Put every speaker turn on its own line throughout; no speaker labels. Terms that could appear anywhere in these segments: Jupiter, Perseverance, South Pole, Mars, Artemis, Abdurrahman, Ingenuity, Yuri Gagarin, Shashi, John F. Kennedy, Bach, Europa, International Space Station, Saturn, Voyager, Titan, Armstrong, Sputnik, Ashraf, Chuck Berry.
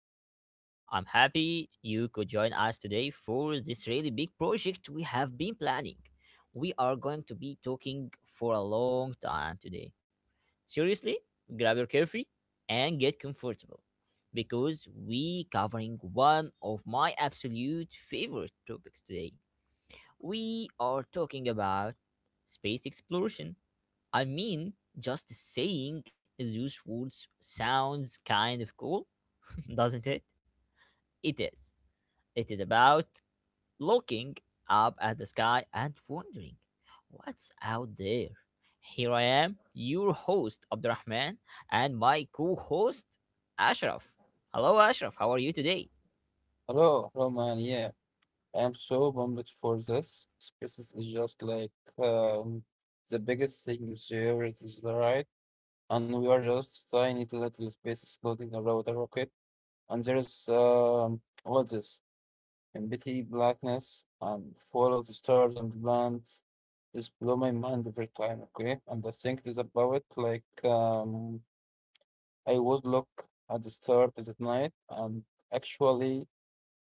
happy you could join us today for this really big project we have been planning. We are going to be talking for a long time today. Seriously, grab your coffee and get comfortable because we covering one of my absolute favorite topics today. We are talking about space exploration. I mean, just saying those words sounds kind of cool, doesn't it? It is. It is about looking up at the sky and wondering what's out there. Here I am, your host Abdurrahman, and my co-host Ashraf. Hello, Ashraf. How are you today?
Hello, hello. Yeah, I am so pumped for this. Spaces is just like um, the biggest thing is here. It is the right, and we are just tiny little spaces floating around a rocket. And there is all this empty blackness and follow the stars and the planets. This blow my mind every time. Okay, and I think this about it. Like I would look at the stars at night and actually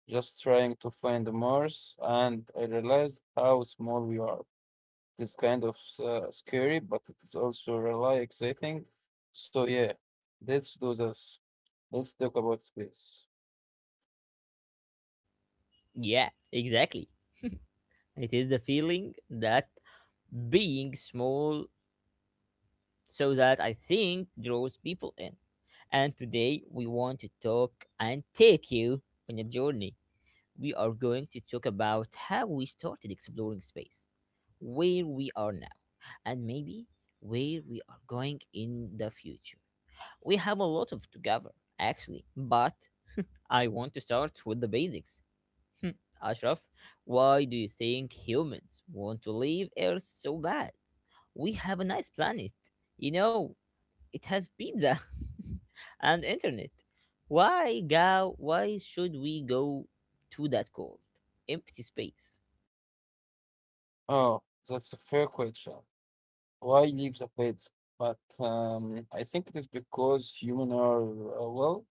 just trying to find Mars, and I realized how small we are. It's kind of scary, but it is also really exciting. So yeah, let's do this. Let's talk about space.
Yeah, exactly. It is the feeling that being small so that I think draws people in. And today we want to talk and take you on a journey. We are going to talk about how we started exploring space, where we are now, and maybe where we are going in the future. We have a lot of to cover actually, but I want to start with the basics. Ashraf, why do you think humans want to leave Earth so bad? We have a nice planet. You know, it has pizza and internet. Why go? Why should we go to that cold, empty space?
Oh, that's a fair question. Why leave the planet? But I think it is because human are well,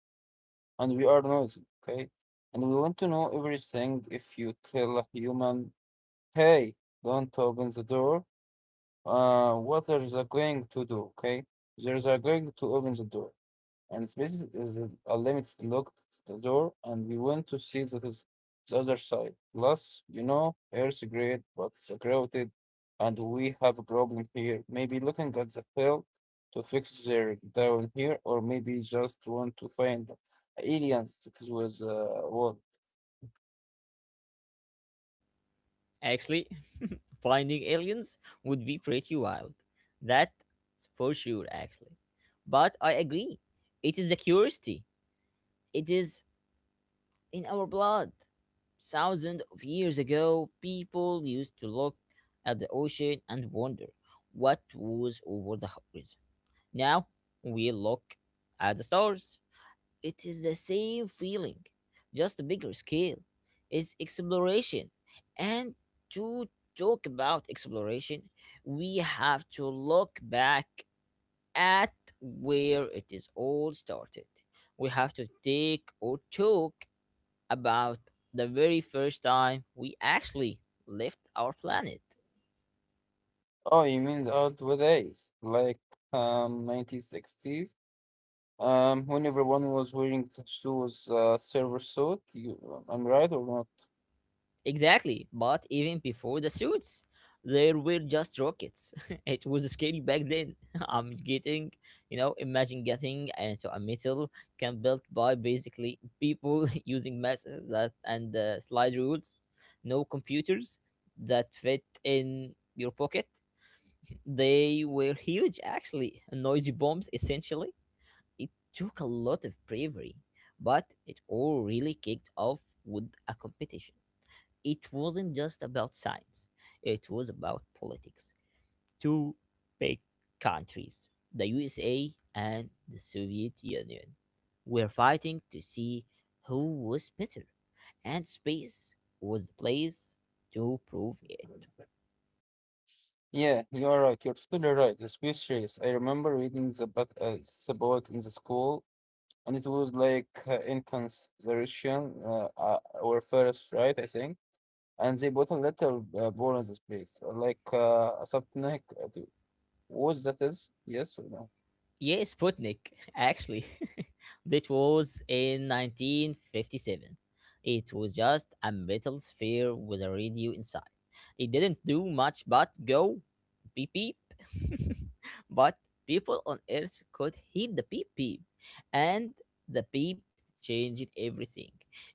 and we are noisy, okay? And we want to know everything. If you tell a human, "Hey, don't open the door," what are they going to do? Okay, there's are going to open the door, and space is a limited look to the door, and we want to see the other side. Plus, you know, Earth's great, but it's crowded, and we have a problem here. Maybe looking at the hill to fix their down here, or maybe just want to find aliens that is with what?
Actually, finding aliens would be pretty wild. That's for sure, actually. But I agree. It is the curiosity. It is in our blood. Thousands of years ago, people used to look at the ocean and wonder what was over the horizon. Now we look at the stars. It is the same feeling, just a bigger scale. It's exploration. And to talk about exploration, we have to look back at where it is all started. We have to take or talk about the very first time we actually left our planet.
Oh, you mean the old ways, like 1960s? When everyone was wearing the shoes, server suit, you, I'm right or not?
Exactly, but even before the suits, there were just rockets. It was scary back then. I'm getting, you know, imagine getting into a metal can built by basically people using maths that and slide rules, no computers that fit in your pocket. They were huge, actually, noisy bombs. Essentially, it took a lot of bravery, but it all really kicked off with a competition it wasn't just about science, it was about politics. Two big countries, the USA and the Soviet Union, were fighting to see who was better, and space was the place to prove it.
Yeah, you are right. You're totally right. It's mysterious. I remember reading the but it's about in the school, and it was like intense. The Russian were first, right? I think, and they bought a little ball in this place, like a subtonic. To- What that is? Yes or no?
Yeah, Sputnik, actually. That was in 1957. It was just a metal sphere with a radio inside. It didn't do much but go beep beep. But people on Earth could hear the beep beep, and the beep changed everything.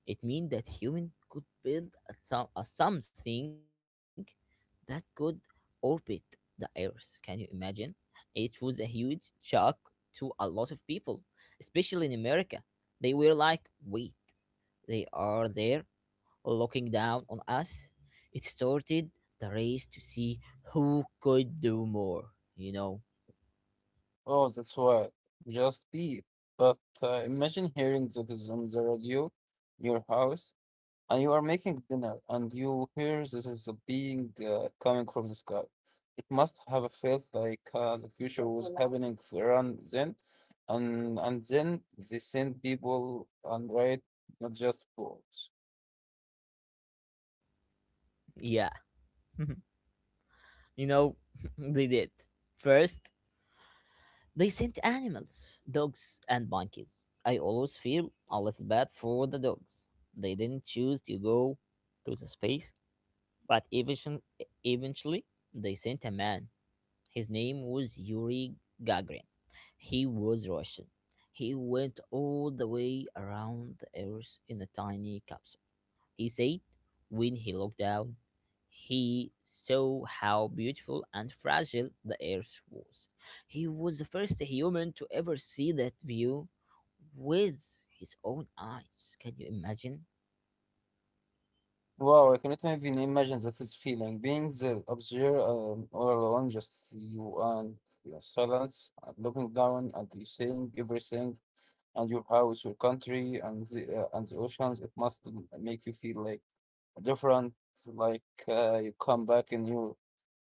It meant that human could build a something that could orbit the Earth. Can you imagine? It was a huge shock to a lot of people, especially in America. They were like, wait, they are there looking down on us. It started the race to see who could do more, you know?
Oh, that's why. Just be. But imagine hearing that is on the radio, your house. And you are making dinner and you hear this is a being coming from the sky. It must have a felt like the future was happening around then, and then they send people and write not just books.
Yeah, you know, they did. First, they sent animals, dogs and monkeys. I always feel a little bad for the dogs. They didn't choose to go to the space, but eventually they sent a man. His name was Yuri Gagarin. He was Russian. He went all the way around the Earth in a tiny capsule. He said when he looked down, he saw how beautiful and fragile the Earth was. He was the first human to ever see that view with his own eyes. Can you imagine?
Wow, I cannot even imagine that this feeling. Being the observer all alone, just you and your silence, and looking down and you seeing everything, and your house, your country, and the oceans. It must make you feel like different like you come back and you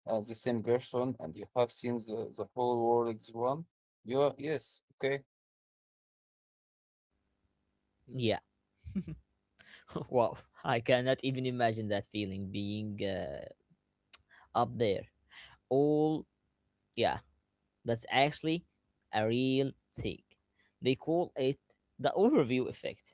as the same person and you have seen the whole world is one you are yes okay.
Yeah, wow, I cannot even imagine that feeling being up there. All, yeah, that's actually a real thing. They call it the overview effect.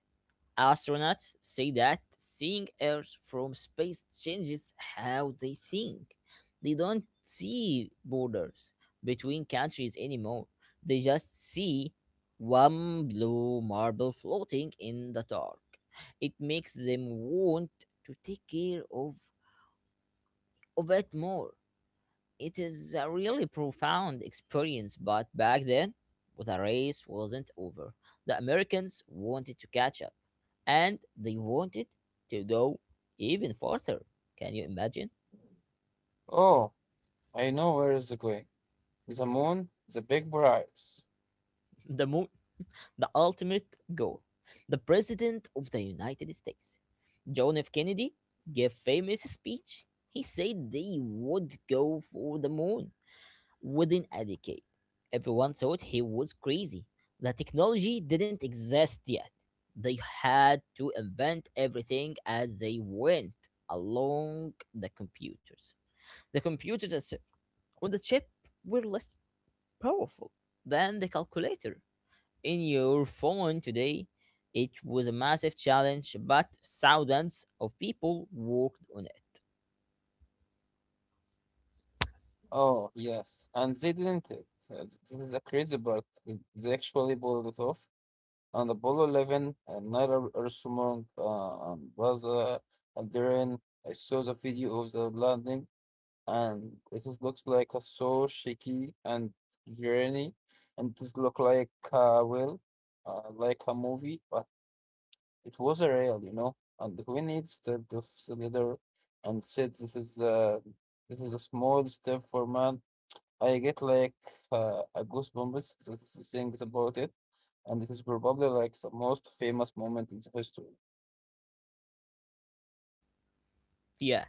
Astronauts say that seeing Earth from space changes how they think. They don't see borders between countries anymore. They just see one blue marble floating in the dark. It makes them want to take care of it more. It is a really profound experience, but back then, the race wasn't over. The Americans wanted to catch up, and they wanted to go even further. Can you imagine?
Oh, I know where is it going. The moon, the big prize.
The moon, the ultimate goal. The President of the United States, John F. Kennedy, gave famous speech. He said they would go for the moon. Within a decade, everyone thought he was crazy. The technology didn't exist yet. They had to invent everything as they went along the computers. The computers itself on the chip were less powerful than the calculator. In your phone today, it was a massive challenge, but thousands of people worked on it.
Oh yes, and they didn't it. This is a crazy but they actually pulled it off on Apollo 11 and Naira Armstrong and Buzz Aldrin. I saw the video of the landing and it is, looks like a so shaky and journey, and this look like well like a movie but it was a real you know. And when it started the cylinder and said this is a small step for man, I get like a goosebumps that is things about it. And it is probably like the most famous moment in the history.
Yeah,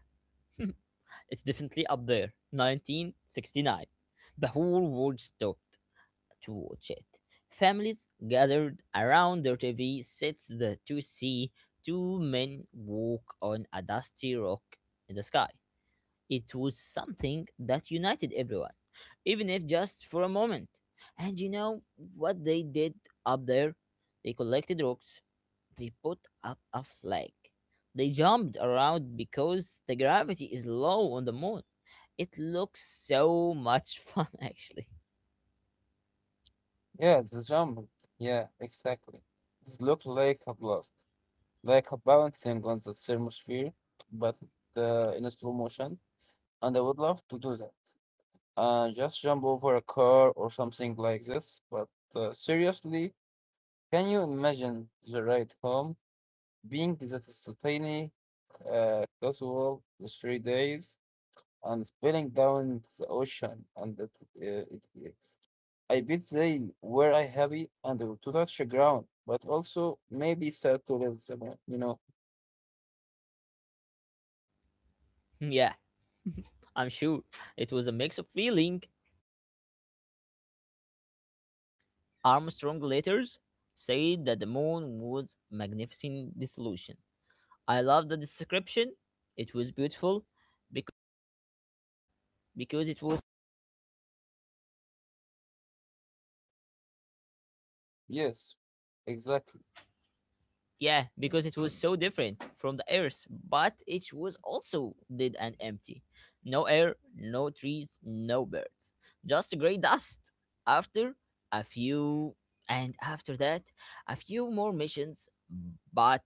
it's definitely up there. 1969. The whole world stopped to watch it. Families gathered around their TV sets the, to see two men walk on a dusty rock in the sky. It was something that united everyone, even if just for a moment. And you know what they did up there? They collected rocks, they put up a flag. They jumped around because the gravity is low on the moon. It looks so much fun, actually.
Yeah, the jump. Yeah, exactly. It looked like a blast, like a balancing on the thermosphere, but in a slow motion. And I would love to do that. Just jump over a car or something like this. But seriously, can you imagine the ride home being that tiny, casual, the 3 days, and spilling down the ocean? And that uh, it, it- I bet they were I happy and they were to touch the ground, but also maybe sad to live somewhere, you know?
Yeah, I'm sure. It was a mix of feeling. Armstrong later said that the moon was a magnificent dissolution. I love the description. It was beautiful because, because it was
Yes. Exactly.
yeah, because it was so different from the Earth, but it was also dead and empty. No air, no trees, no birds. Just gray dust. After a few, and after that, a few more missions, but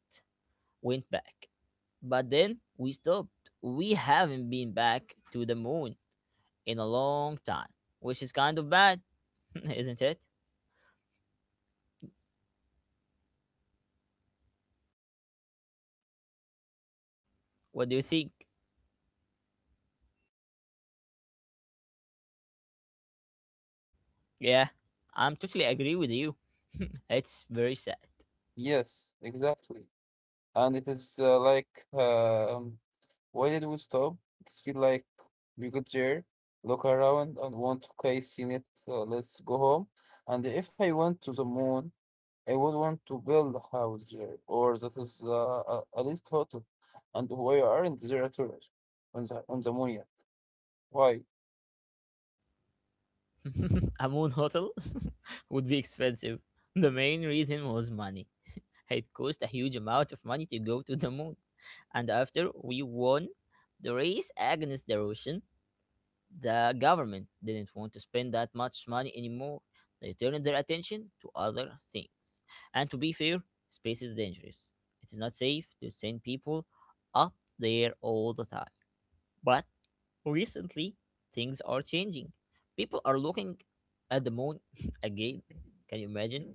went back. But then we stopped. We haven't been back to the moon in a long time, which is kind of bad, isn't it? What do you think? Yeah, I'm totally agree with you. It's very sad.
Yes, exactly. And it is like, um, why did we stop? It's feel like we got there, look around and want, okay, seen it, let's go home. And if I went to the moon, I would want to build a house there, or that is a least hotel. And why aren't there at all on on the moon yet? Why?
A moon hotel would be expensive. The main reason was money. It cost a huge amount of money to go to the moon. And after we won the race against the Russian, the government didn't want to spend that much money anymore. They turned their attention to other things. And to be fair, space is dangerous. It is not safe to send people up there all the time. But recently, things are changing. People are looking at the moon again. Can you imagine?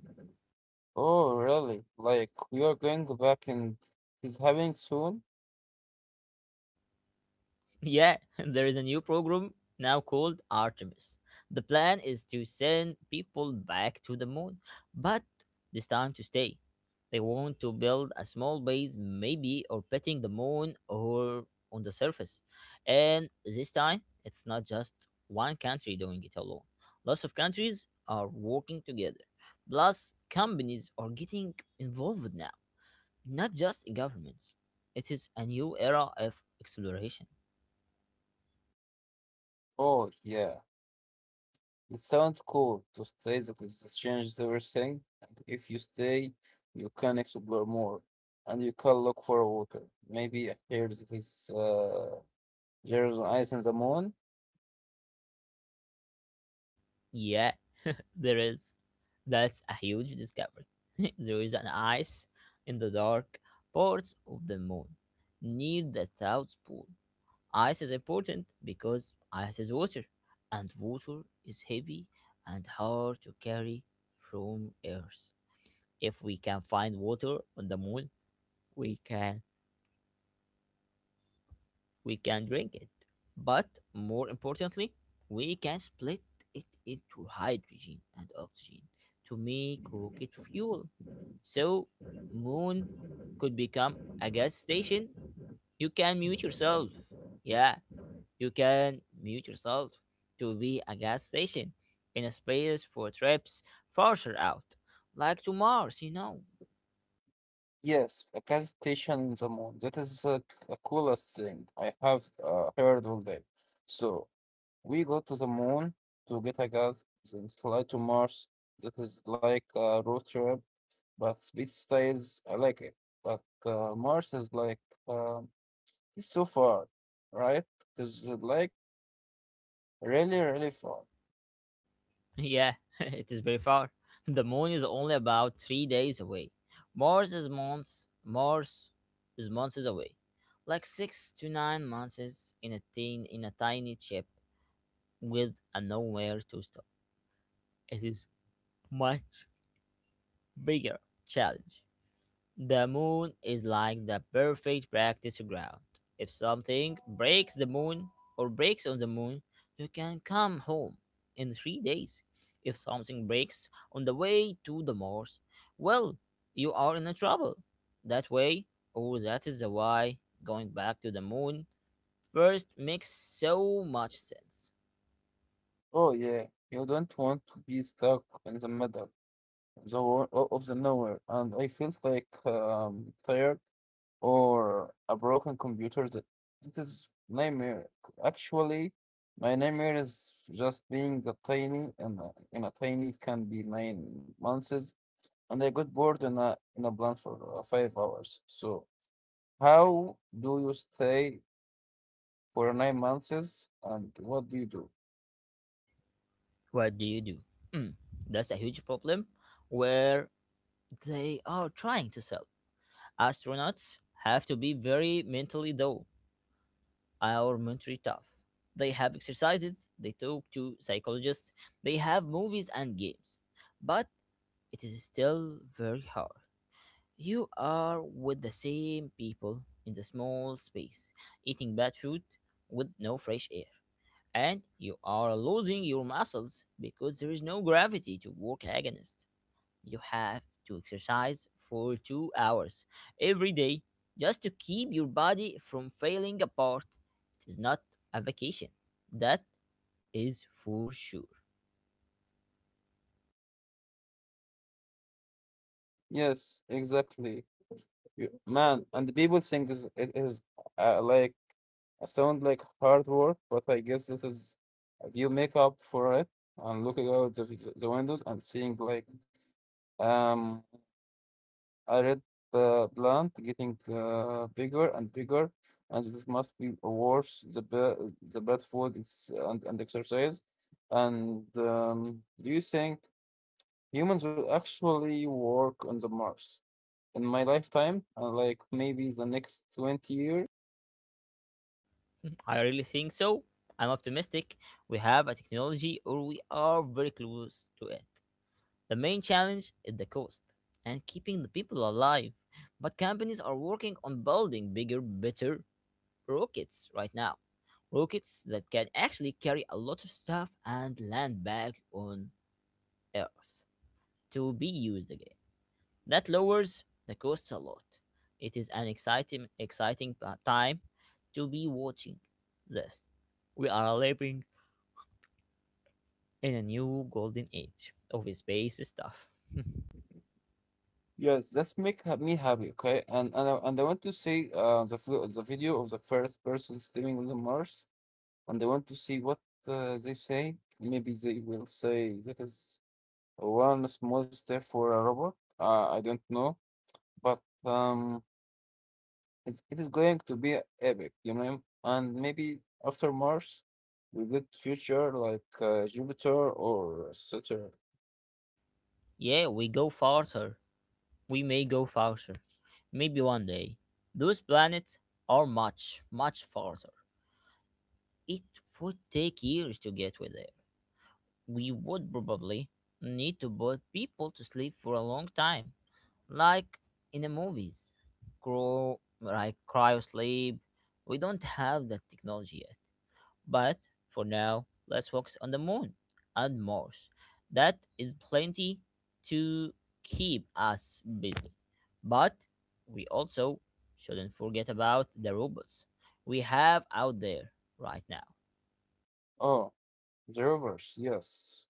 Oh, really? Like, we are going back and it's happening soon?
Yeah, there is a new program now called Artemis. The plan is to send people back to the moon, but this time to stay. They want to build a small base, maybe orbiting the moon or on the surface. And this time, it's not just one country doing it alone. Lots of countries are working together. Plus, companies are getting involved now, not just governments. It is a new era of exploration.
Oh, yeah. It sounds cool to stay that is changed everything. And if you stay, you can explore more, and you can look for a worker. Maybe here that is there's an ice in the moon.
Yeah, there is. That's a huge discovery. There is an ice in the dark parts of the moon near the South Pole. Ice is important because ice is water, and water is heavy and hard to carry from Earth. If we can find water on the moon, we can we can drink it. But more importantly, we can split it into hydrogen and oxygen to make rocket fuel. So, moon could become a gas station. You can mute yourself. Yeah, you can mute yourself to be a gas station in a space for trips farther out, like to Mars, you know.
Yes, a gas station in the moon. That is the coolest thing I have heard all day. So we go to the moon to get a gas, then fly to Mars. That is like a road trip, but space styles I like it. But Mars is like. Um, It's so far, right? There's like really, really far.
Yeah, it is very far. The moon is only about 3 days away. Mars is months away, like 6 to 9 months in a tiny ship with a nowhere to stop. It is much bigger challenge. The moon is like the perfect practice ground. If something breaks the moon or breaks on the moon, you can come home in 3 days. If something breaks on the way to the Mars, well, you are in a trouble. That way, or that is the why going back to the moon first makes so much sense.
Oh yeah, you don't want to be stuck in the middle of the of the nowhere. And I feel like tired or a broken computer. That is nightmare. Actually, my nightmare is just being the tiny and in a tiny it can be 9 months, and I got bored in a blunt for 5 hours. So how do you stay for 9 months and what do you do?
What do you do? Hmm, that's a huge problem where they are trying to solve. Astronauts have to be very mentally though, or mentally tough. They have exercises, they talk to psychologists, they have movies and games. But it is still very hard. You are with the same people in the small space, eating bad food with no fresh air. And you are losing your muscles because there is no gravity to work against you have to exercise for 2 hours every day just to keep your body from failing apart. It is not a vacation. That is for sure.
Yes, exactly. Man, and the people it is like I sound like hard work, but I guess this is if you make up for it and looking out the windows and seeing like um I read the plant getting bigger and bigger, and this must be worse the bad food it's, and exercise. And do you think? Humans will actually work on the Mars in my lifetime, like maybe the next 20 years.
I really think so. I'm optimistic. We have a technology or we are very close to it. The main challenge is the cost and keeping the people alive. But companies are working on building bigger, better, rockets right now. Rockets that can actually carry a lot of stuff and land back on Earth to be used again. That lowers the cost a lot. It is an exciting time to be watching this. We are living in a new golden age of space stuff.
Yes, that's me happy, okay? And I want to see the video of the first person stepping on the Mars, and I want to see what they say. Maybe they will say that is one small step for a robot. I don't know, but It is going to be epic, you know, and maybe after Mars, we get future like Jupiter or Saturn.
Yeah, we go farther. We may go farther. Maybe one day. Those planets are much, much farther. It would take years to get with there. We would probably need to put people to sleep for a long time, like in the movies. Grow, like cryo sleep. We don't have that technology yet. But for now, let's focus on the moon and Mars. That is plenty to keep us busy. But we also shouldn't forget about the robots we have out there right now.
Oh, the rovers, yes.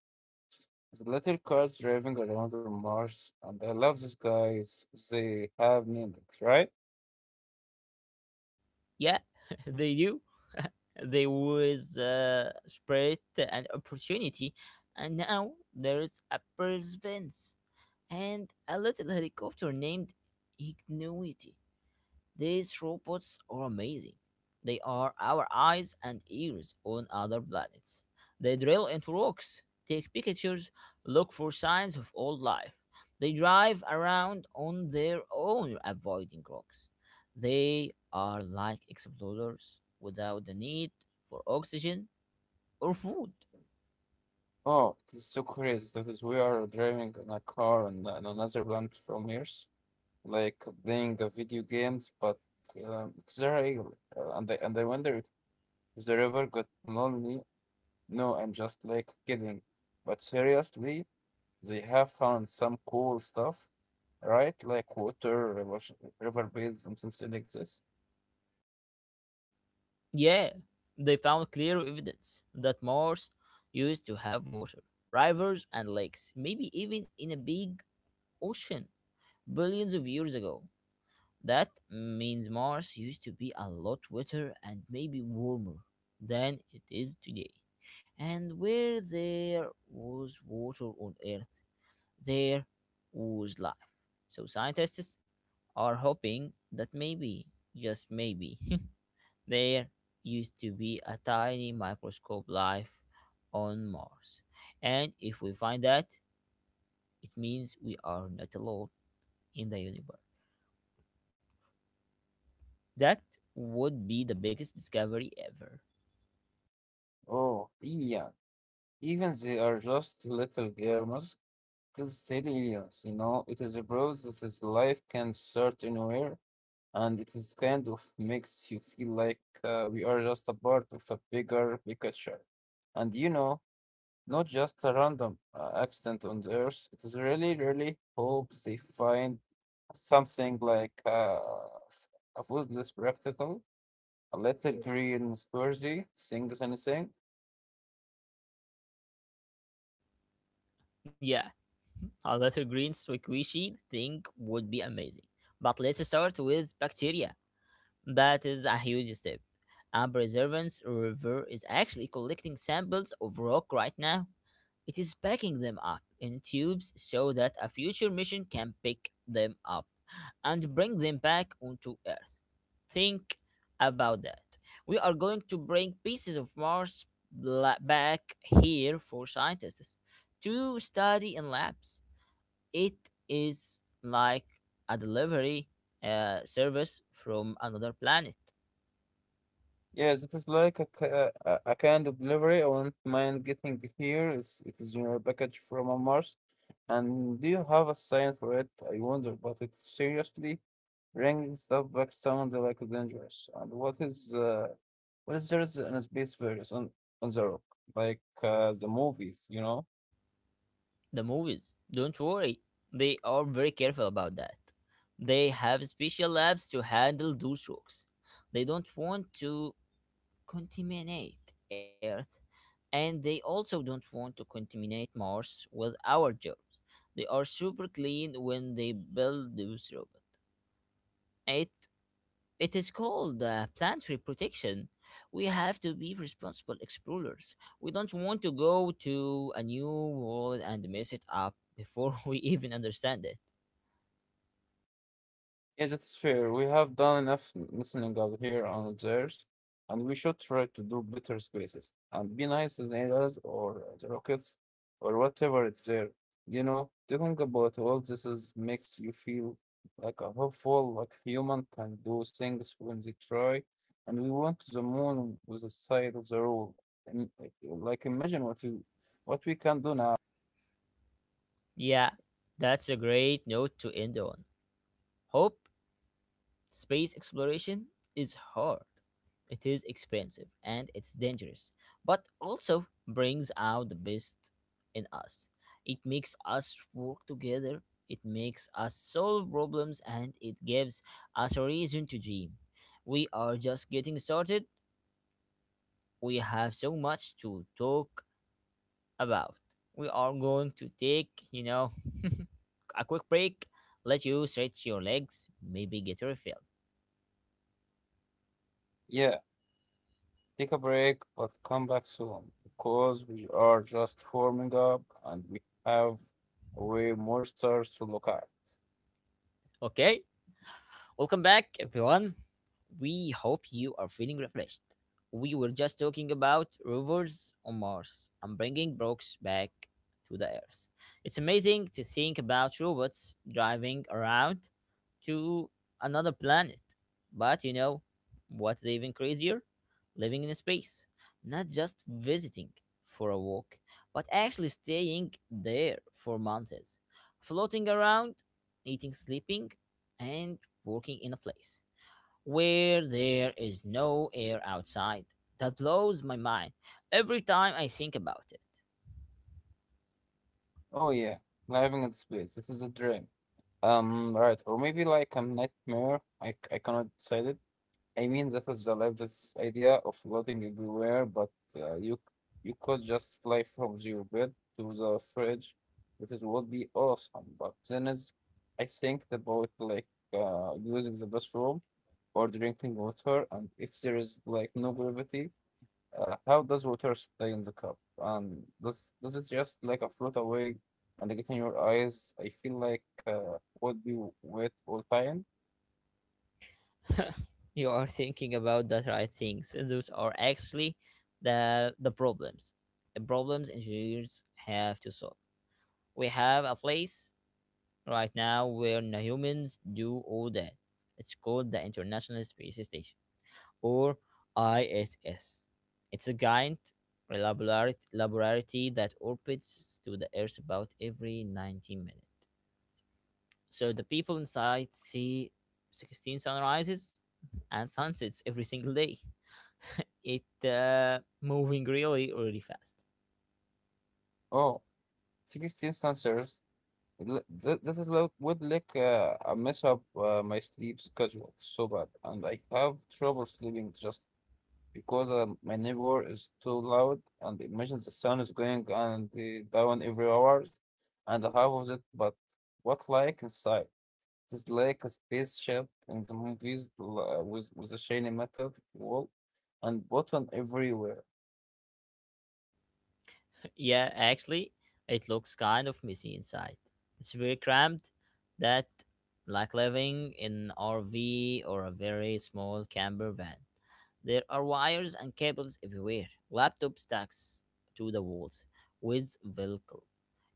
The little cars driving around on Mars, and I love these guys. They have named it, right?
Yeah, they do. they was spread an opportunity, and now there is a perseverance and a little helicopter named Ingenuity. These robots are amazing. They are our eyes and ears on other planets. They drill into rocks, take pictures, look for signs of old life. They drive around on their own, avoiding rocks. They are like explorers without the need for oxygen or food.
Oh, it's so crazy that is we are driving in a car on another planet from Earth, like playing a video games, but it's real. And I wonder if the river got lonely. No, I'm just like kidding. But seriously, they have found some cool stuff, right? Like water, river, river beds, and something like this.
Yeah, they found clear evidence that Mars used to have water, rivers, and lakes, maybe even in a big ocean. Billions of years ago. That means Mars used to be a lot wetter and maybe warmer than it is today. And where there was water on Earth, there was life. So scientists are hoping that maybe, just maybe, there used to be a tiny microscope life on Mars. And if we find that, it means we are not alone in the universe. That would be the biggest discovery ever.
Oh, yeah. Even they are just little gamers. It is still aliens, you know? It is a proof that is life can start anywhere, and it is kind of makes you feel like we are just a part of a bigger picture. And you know, not just a random accident on the Earth. It is really, really hope they find something like a useless practical, a little green squirrely, things anything.
Yeah, a little green squishy thing would be amazing. But let's start with bacteria. That is a huge step. Our preservance river is actually collecting samples of rock right now. It is packing them up in tubes so that a future mission can pick them up and bring them back onto Earth. Think about that. We are going to bring pieces of Mars back here for scientists to study in labs. It is like a delivery service from another planet.
Yes, it is like a kind of delivery. I won't mind getting here. It is your package from a Mars. And do you have a sign for it? I wonder, but it seriously bringing stuff back sound like dangerous. And what is there is in a space various on the rock, like the movies, you know?
The movies. Don't worry, they are very careful about that. They have special labs to handle those rocks. They don't want to contaminate Earth, and they also don't want to contaminate Mars with our germs. They are super clean when they build those robots. It it is called planetary protection. We have to be responsible explorers. We don't want to go to a new world and mess it up before we even understand it.
Yes, that's fair. We have done enough listening out here on theirs, and we should try to do better spaces and be nice to the aliens or the rockets or whatever it's there. You know, talking about all this is makes you feel like a hopeful, like human can do things when they try, and we went to the moon with a side of the rule. And like imagine what we can do now.
Yeah, that's a great note to end on. Hope space exploration is hard, it is expensive, and it's dangerous, but also brings out the best in us. It makes us work together, it makes us solve problems, and it gives us a reason to dream. We are just getting started, we have so much to talk about. We are going to take, a quick break, let you stretch your legs, maybe get refilled.
Yeah, take a break, but come back soon because we are just warming up and we have way more stars to look at.
Okay? Welcome back, everyone. We hope you are feeling refreshed. We were just talking about rovers on Mars and bringing Brooks back to the Earth. It's amazing to think about robots driving around to another planet. But you know what's even crazier? Living in space. Not just visiting for a walk, but actually staying there for months, floating around, eating, sleeping, and working in a place where there is no air outside. That blows my mind every time I think about it.
Oh, yeah, living in space. This is a dream. Right, or maybe like a nightmare. I cannot decide it. I mean, that is the life, this idea of floating everywhere, but uh, you you could just fly from your bed to the fridge. That is would be awesome. But then is, I think about like using the bathroom or drinking water, and if there is like no gravity, how does water stay in the cup? And does it just like a float away and get in your eyes? I feel like would be wet all time.
You are thinking about the right things. Those are actually the problems. The problems engineers have to solve. We have a place right now where the humans do all that. It's called the International Space Station or ISS. It's a giant laboratory that orbits to the Earth about every 90 minutes. So the people inside see 16 sunrises and sunsets every single day. It moving really really fast.
Oh, sixteen 16 sensors. This would mess up my sleep schedule so bad, and I have trouble sleeping just because my neighbor is too loud, and imagine the sun is going and down every hours, and half of it. But what like inside? It is like a spaceship in the movies with a shiny metal wall and button everywhere.
Yeah, actually it looks kind of messy inside. It's very cramped. That like living in rv or a very small camper van. There are wires and cables everywhere, laptop stacks to the walls with velcro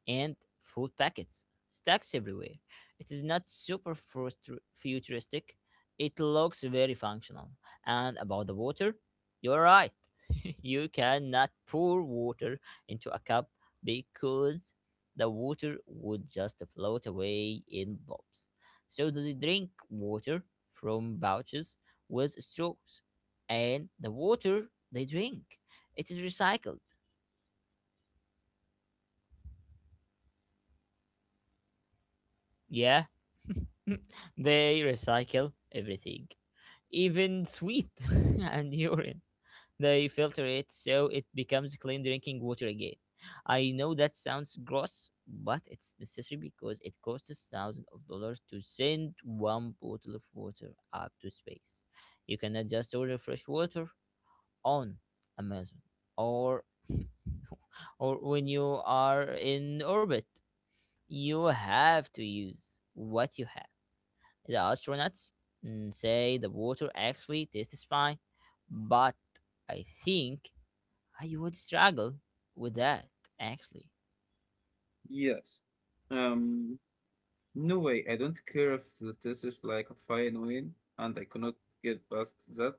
and food packets stacks everywhere. It is not super futuristic, it looks very functional. And about the water, you're right. You cannot pour water into a cup because the water would just float away in blobs. So they drink water from pouches with straws, and the water they drink it is recycled. Yeah, they recycle everything, even sweet and urine. They filter it so it becomes clean drinking water again. I know that sounds gross, but it's necessary because it costs thousands of dollars to send one bottle of water up to space. You cannot just order fresh water on Amazon or or when you are in orbit. You have to use what you have. The astronauts say the water actually tastes fine, but I think I would struggle with that actually.
Yes. Um, No way, I don't care if the test is like a fine wine and I cannot get past that.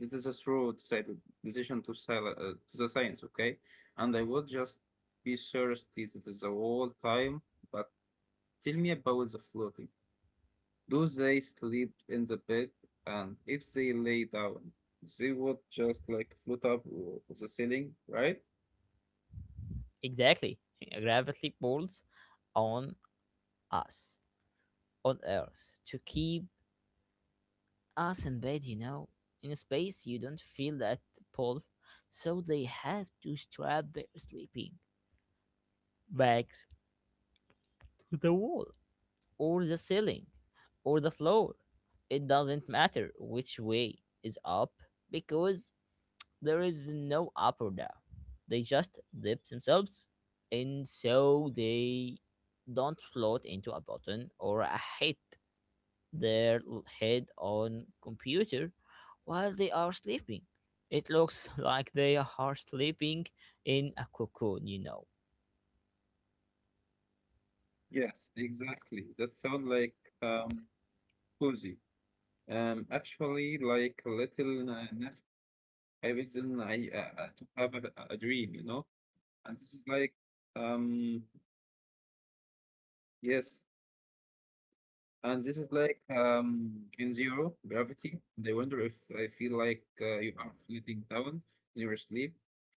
This is a true decision to the science, okay? And I would just be thirsty that is the whole time, but tell me about the floating. Do they sleep in the bed? And if they lay down, they would just like float up o- of the ceiling, right?
Exactly. Gravity pulls on us, on Earth, to keep us in bed, you know. In space, you don't feel that pull, so they have to strap their sleeping bags to the wall or the ceiling or the floor. It doesn't matter which way is up because there is no up or down. They just dip themselves and so they don't float into a button or a hit their head on computer while they are sleeping. It looks like they are sleeping in a cocoon, you know.
Yes, exactly. That sounds like um, cozy. Actually, like a little nest everything I to have a dream, you know. And this is like, um, yes, and this is like Gen Zero Gravity. And I wonder if I feel like you are floating down in your sleep,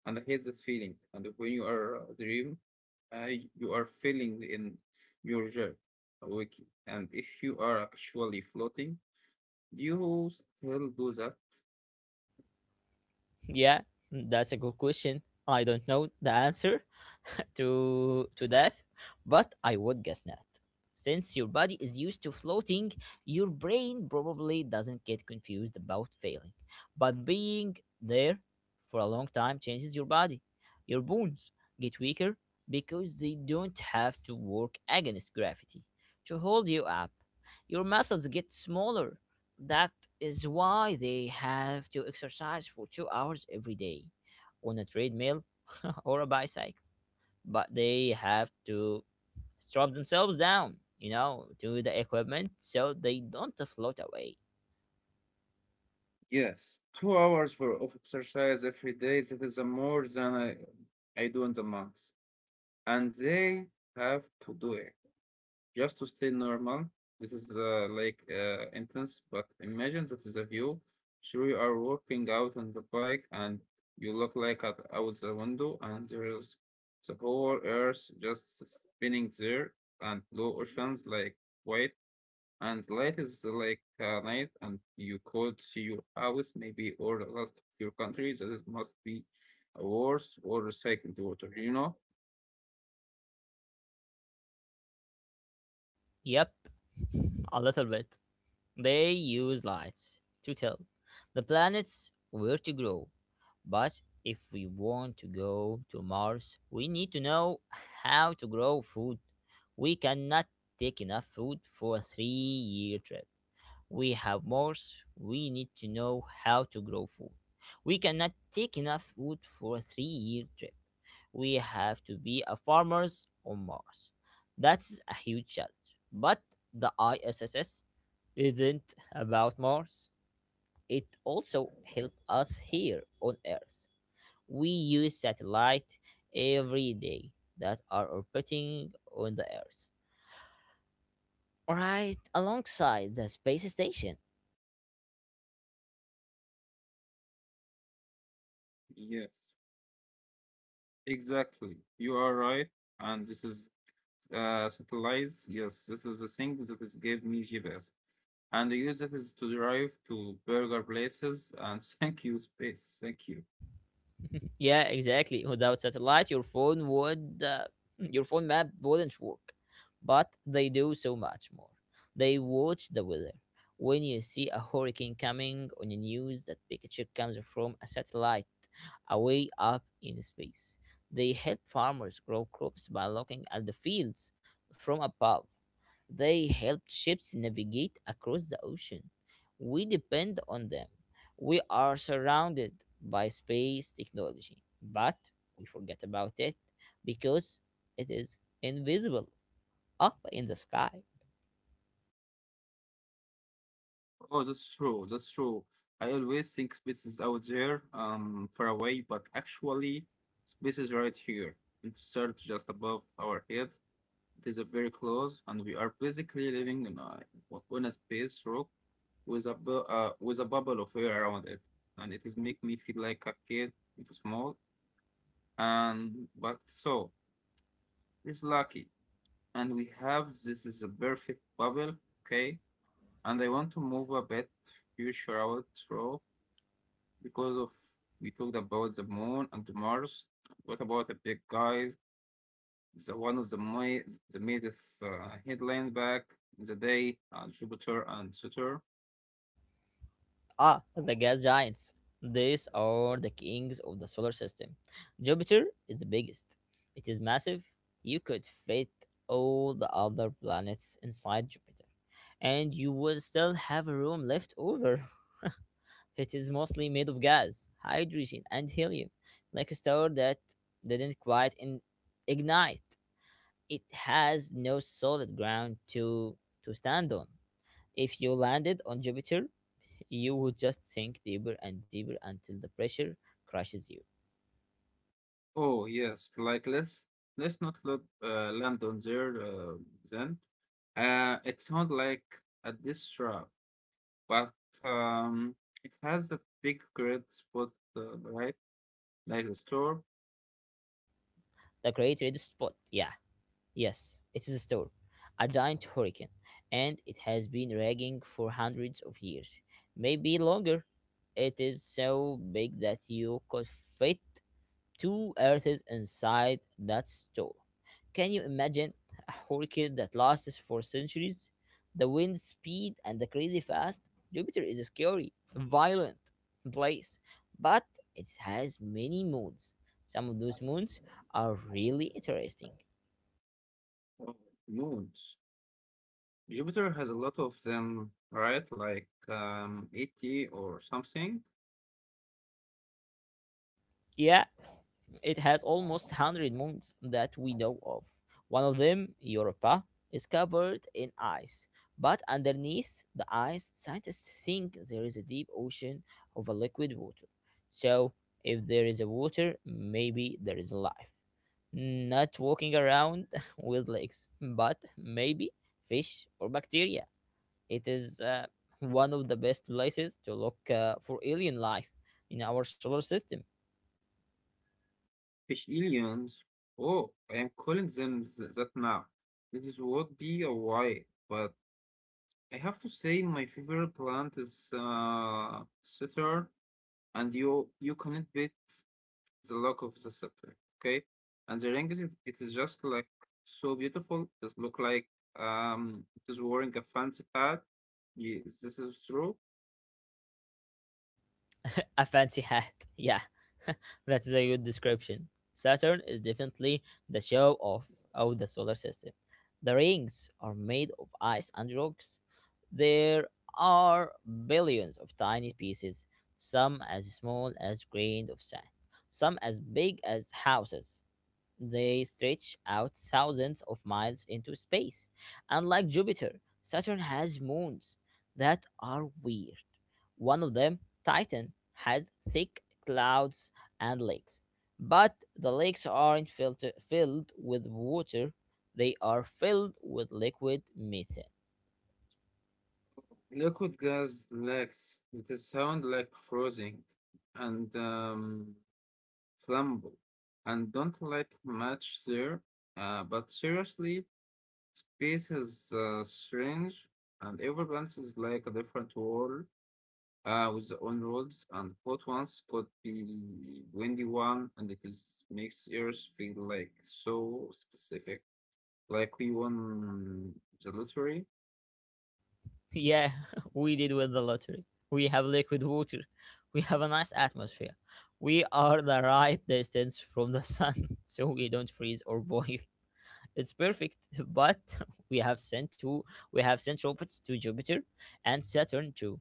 and I hate that feeling. And when you are a dream, you are feeling in your jerk awake. And if you are actually floating, do you still do that?
Yeah, that's a good question. I don't know the answer to that, but I would guess not. Since your body is used to floating, your brain probably doesn't get confused about failing. But being there for a long time changes your body. Your bones get weaker because they don't have to work against gravity to hold you up. Your muscles get smaller. That is why they have to exercise for 2 hours every day on a treadmill or a bicycle. But they have to strap themselves down, you know, to the equipment so they don't float away.
Yes, 2 hours for of exercise every day. That is a more than I do in the months, and they have to do it just to stay normal. This is intense, but imagine that is a view. Sure, you are walking out on the bike, and you look like at out the window, and there is the whole earth just spinning there, and blue oceans like white and the is like night and you could see your house maybe or the last of your country that is must be a worse or recycled water, you know.
Yep, a little bit. They use lights to tell the planets where to grow. But if we want to go to Mars, we need to know how to grow food. We cannot take enough food for a 3 year trip we have Mars, we need to know how to grow food. We cannot take enough food for a 3 year trip. We have to be a farmers on Mars. That's a huge challenge. But the ISS isn't about Mars. It also helps us here on Earth. We use satellites every day that are orbiting on the Earth, right alongside the space station.
Yes, exactly, you are right, and this is satellites, yes, this is the thing that is gave me GPS, and I use it is to drive to burger places and thank you space, thank you.
Yeah, exactly. Without satellite, your phone would your phone map wouldn't work. But they do so much more. They watch the weather. When you see a hurricane coming on the news, that picture comes from a satellite away up in space. They help farmers grow crops by looking at the fields from above. They help ships navigate across the ocean. We depend on them. We are surrounded by space technology, but we forget about it because it is invisible up in the sky.
Oh, that's true. That's true. I always think space is out there, far away, but actually, space is right here. It starts just above our heads. It is a very close, and we are basically living in on a space rock with a with a bubble of air around it, and it is make me feel like a kid, if small. And but so it's lucky, and we have this is a perfect bubble, okay. And I want to move a bit future out through because of we talked about the moon and Mars. What about a big guy? The one of the made of headline back in the day, Jupiter and Saturn.
Ah, the gas giants. These are the kings of the solar system. Jupiter is the biggest. It is massive. You could fit all the other planets inside Jupiter, and you would still have room left over. It is mostly made of gas, hydrogen, and helium. Like a star that didn't quite ignite, it has no solid ground to stand on. If you landed on Jupiter, you would just sink deeper and deeper until the pressure crushes you.
Oh yes, like let's not look land on there then. It sounds like a diss track, but um, it has that big red spot, right? Like the star
The Great Red Spot, yeah, yes, it is a storm, a giant hurricane, and it has been raging for hundreds of years, maybe longer. It is so big that you could fit two earths inside that store. Can you imagine a hurricane that lasts for centuries? The wind speed and the crazy fast? Jupiter is a scary, violent place, but it has many moons. Some of those moons are really interesting.
of moons. Jupiter has a lot of them, right? Like 80 or something.
Yeah, it has almost 100 moons that we know of. One of them, Europa, is covered in ice, but underneath the ice, scientists think there is a deep ocean of a liquid water. So, if there is a water, maybe there is life. Not walking around with legs, but maybe fish or bacteria. It is one of the best places to look for alien life in our solar system.
Fish aliens. Oh, I am calling them that now. It is what be a why, but I have to say my favorite plant is Saturn, and you cannot beat the look of the Saturn, okay? And the ring is it is just like so beautiful. It look like it is wearing a fancy hat. Yes, this is true.
A fancy hat. Yeah. That's a good description. Saturn is definitely the show off of the solar system. The rings are made of ice and rocks. There are billions of tiny pieces, some as small as grains of sand, some as big as houses. They stretch out thousands of miles into space. And like Jupiter, Saturn has moons that are weird. One of them, Titan, has thick clouds and lakes. But the lakes aren't filled with water, they are filled with liquid methane.
Liquid gas lacks the sound like frothing and flammable, and don't like much there. But seriously, space is strange, and every planet is like a different world with its own rules. And hot ones could be windy one, and it is makes Earth feel like so specific, like we won the lottery.
Yeah, we did with the lottery. We have liquid water. We have a nice atmosphere. We are the right distance from the sun, so we don't freeze or boil. It's perfect. But we have sent two. We have sent robots to Jupiter and Saturn too,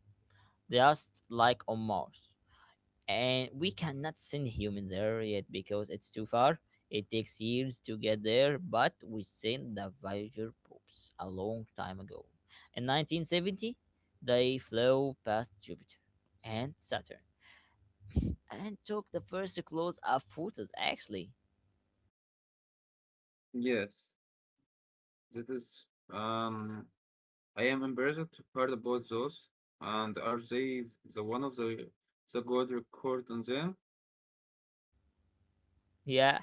just like on Mars, and we cannot send human there yet because it's too far. It takes years to get there, but we sent the Voyager probes a long time ago. In 1970, they flew past Jupiter and Saturn and took the first close-up photos. Actually,
Yes, that is um. I am embarrassed to part about those. And are they the one of the God record on them?
yeah,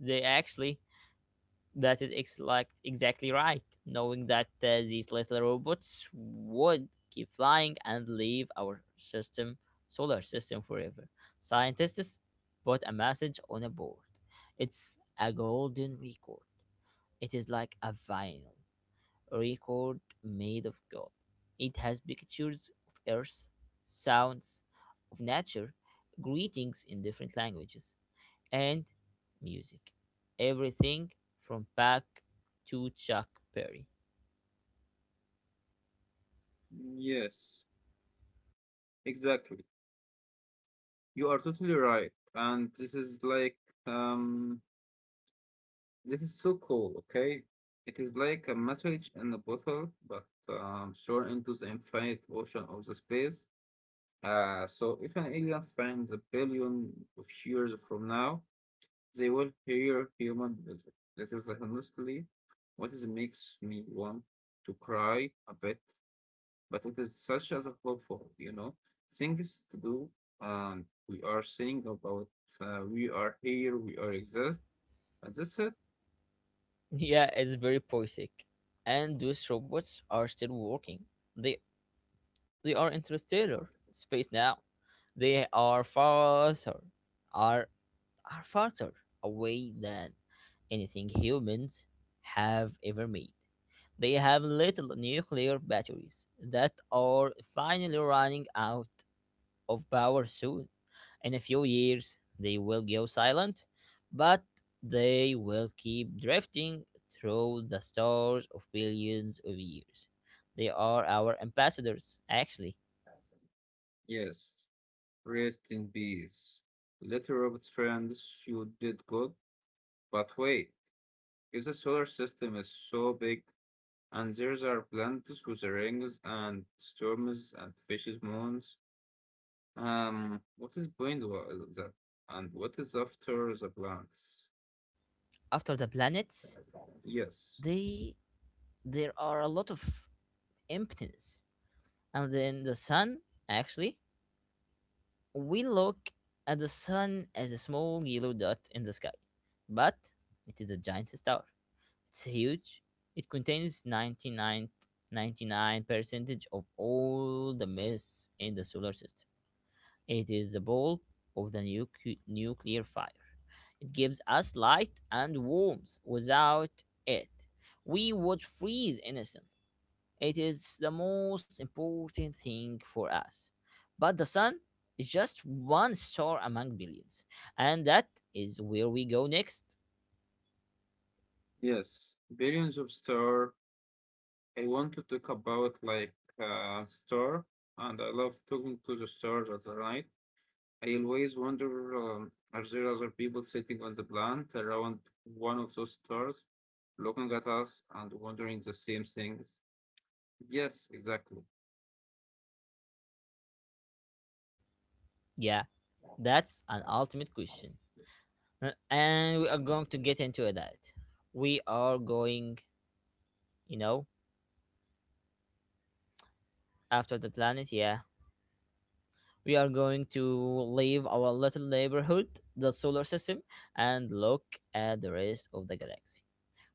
they actually that is like exactly right. Knowing that these little robots would keep flying and leave our system, solar system forever. Scientists put a message on a board. It's a golden record. It is like a vinyl record made of gold. It has pictures of Earth, sounds of nature, greetings in different languages, and music. Everything from Bach to Chuck Berry.
Yes, exactly. You are totally right. And this is like um this is so cool, okay? It is like a message in a bottle, but shot into the infinite ocean of the space. So if an alien finds a billion of years from now, they will fear human visit. This honestly what is makes me want to cry a bit, but it is such as a hopeful, you know, things to do. We are saying about we are here, we are exist, and that's it.
Yeah, it's very poetic. And those robots are still working. They they are interstellar space now. They are are farther away than anything humans have ever made. They have little nuclear batteries that are finally running out of power soon. In a few years, they will go silent, but they will keep drifting through the stars of billions of years. They are our ambassadors, actually.
Yes, rest in peace. Let Robert's friends, you did good, but wait, if the solar system is so big, and there are plants with rings and storms and fishes moons. What is behind that? And what is after the plants?
After the planets,
Yes,
they there are a lot of emptiness, and then the sun. Actually, we look at the sun as a small yellow dot in the sky, but it is a giant star. It's huge. It contains 99 99 percentage of all the mess in the solar system. It is the ball of the nuclear fire. It gives us light and warmth. Without it, we would freeze innocently. It is the most important thing for us. But the sun is just one star among billions. And that is where we go next.
yes, billions of star. I want to talk about like star, and I love talking to the stars at the night. I always wonder, are there other people sitting on the plant around one of those stars, looking at us and wondering the same things? Yes, exactly.
Yeah, that's an ultimate question. And we are going to get into that. We are going, you know, after the planet, yeah. We are going to leave our little neighborhood, the solar system, and look at the rest of the galaxy.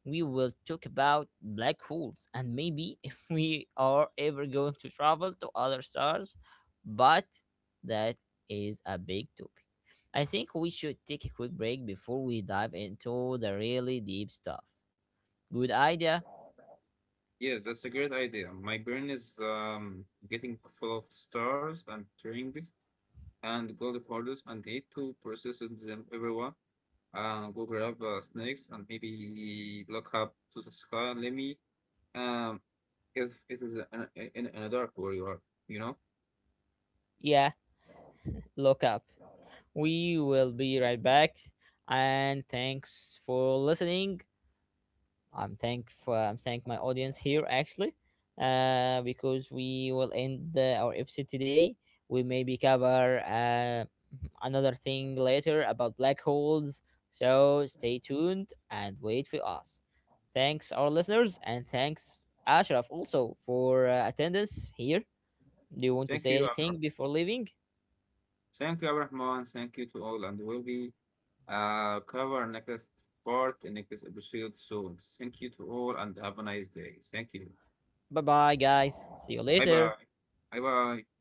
We will talk about black holes and maybe if we are ever going to travel to other stars, but that is a big topic. I think we should take a quick break before we dive into the really deep stuff. Good idea?
Yes, that's a great idea. My brain is getting full of stars and rings and gold orders and need to process them everyone. Go grab snakes and maybe look up to the sky and let me um, if it is an, in a dark where you are, you know.
Yeah. Look up. We will be right back. And thanks for listening. I'm thank my audience here actually, because we will end the, our episode today. We maybe cover another thing later about black holes. So stay tuned and wait for us. Thanks our listeners and thanks Ashraf also for attendance here. Do you want to
Thank
say
you,
anything before leaving?
thank you, Abrahman. Thank you to all, and we'll be cover next part in next episode soon. Thank you to all, and have a nice day. Thank you.
Bye bye guys. See you
Bye
later.
bye. Bye bye.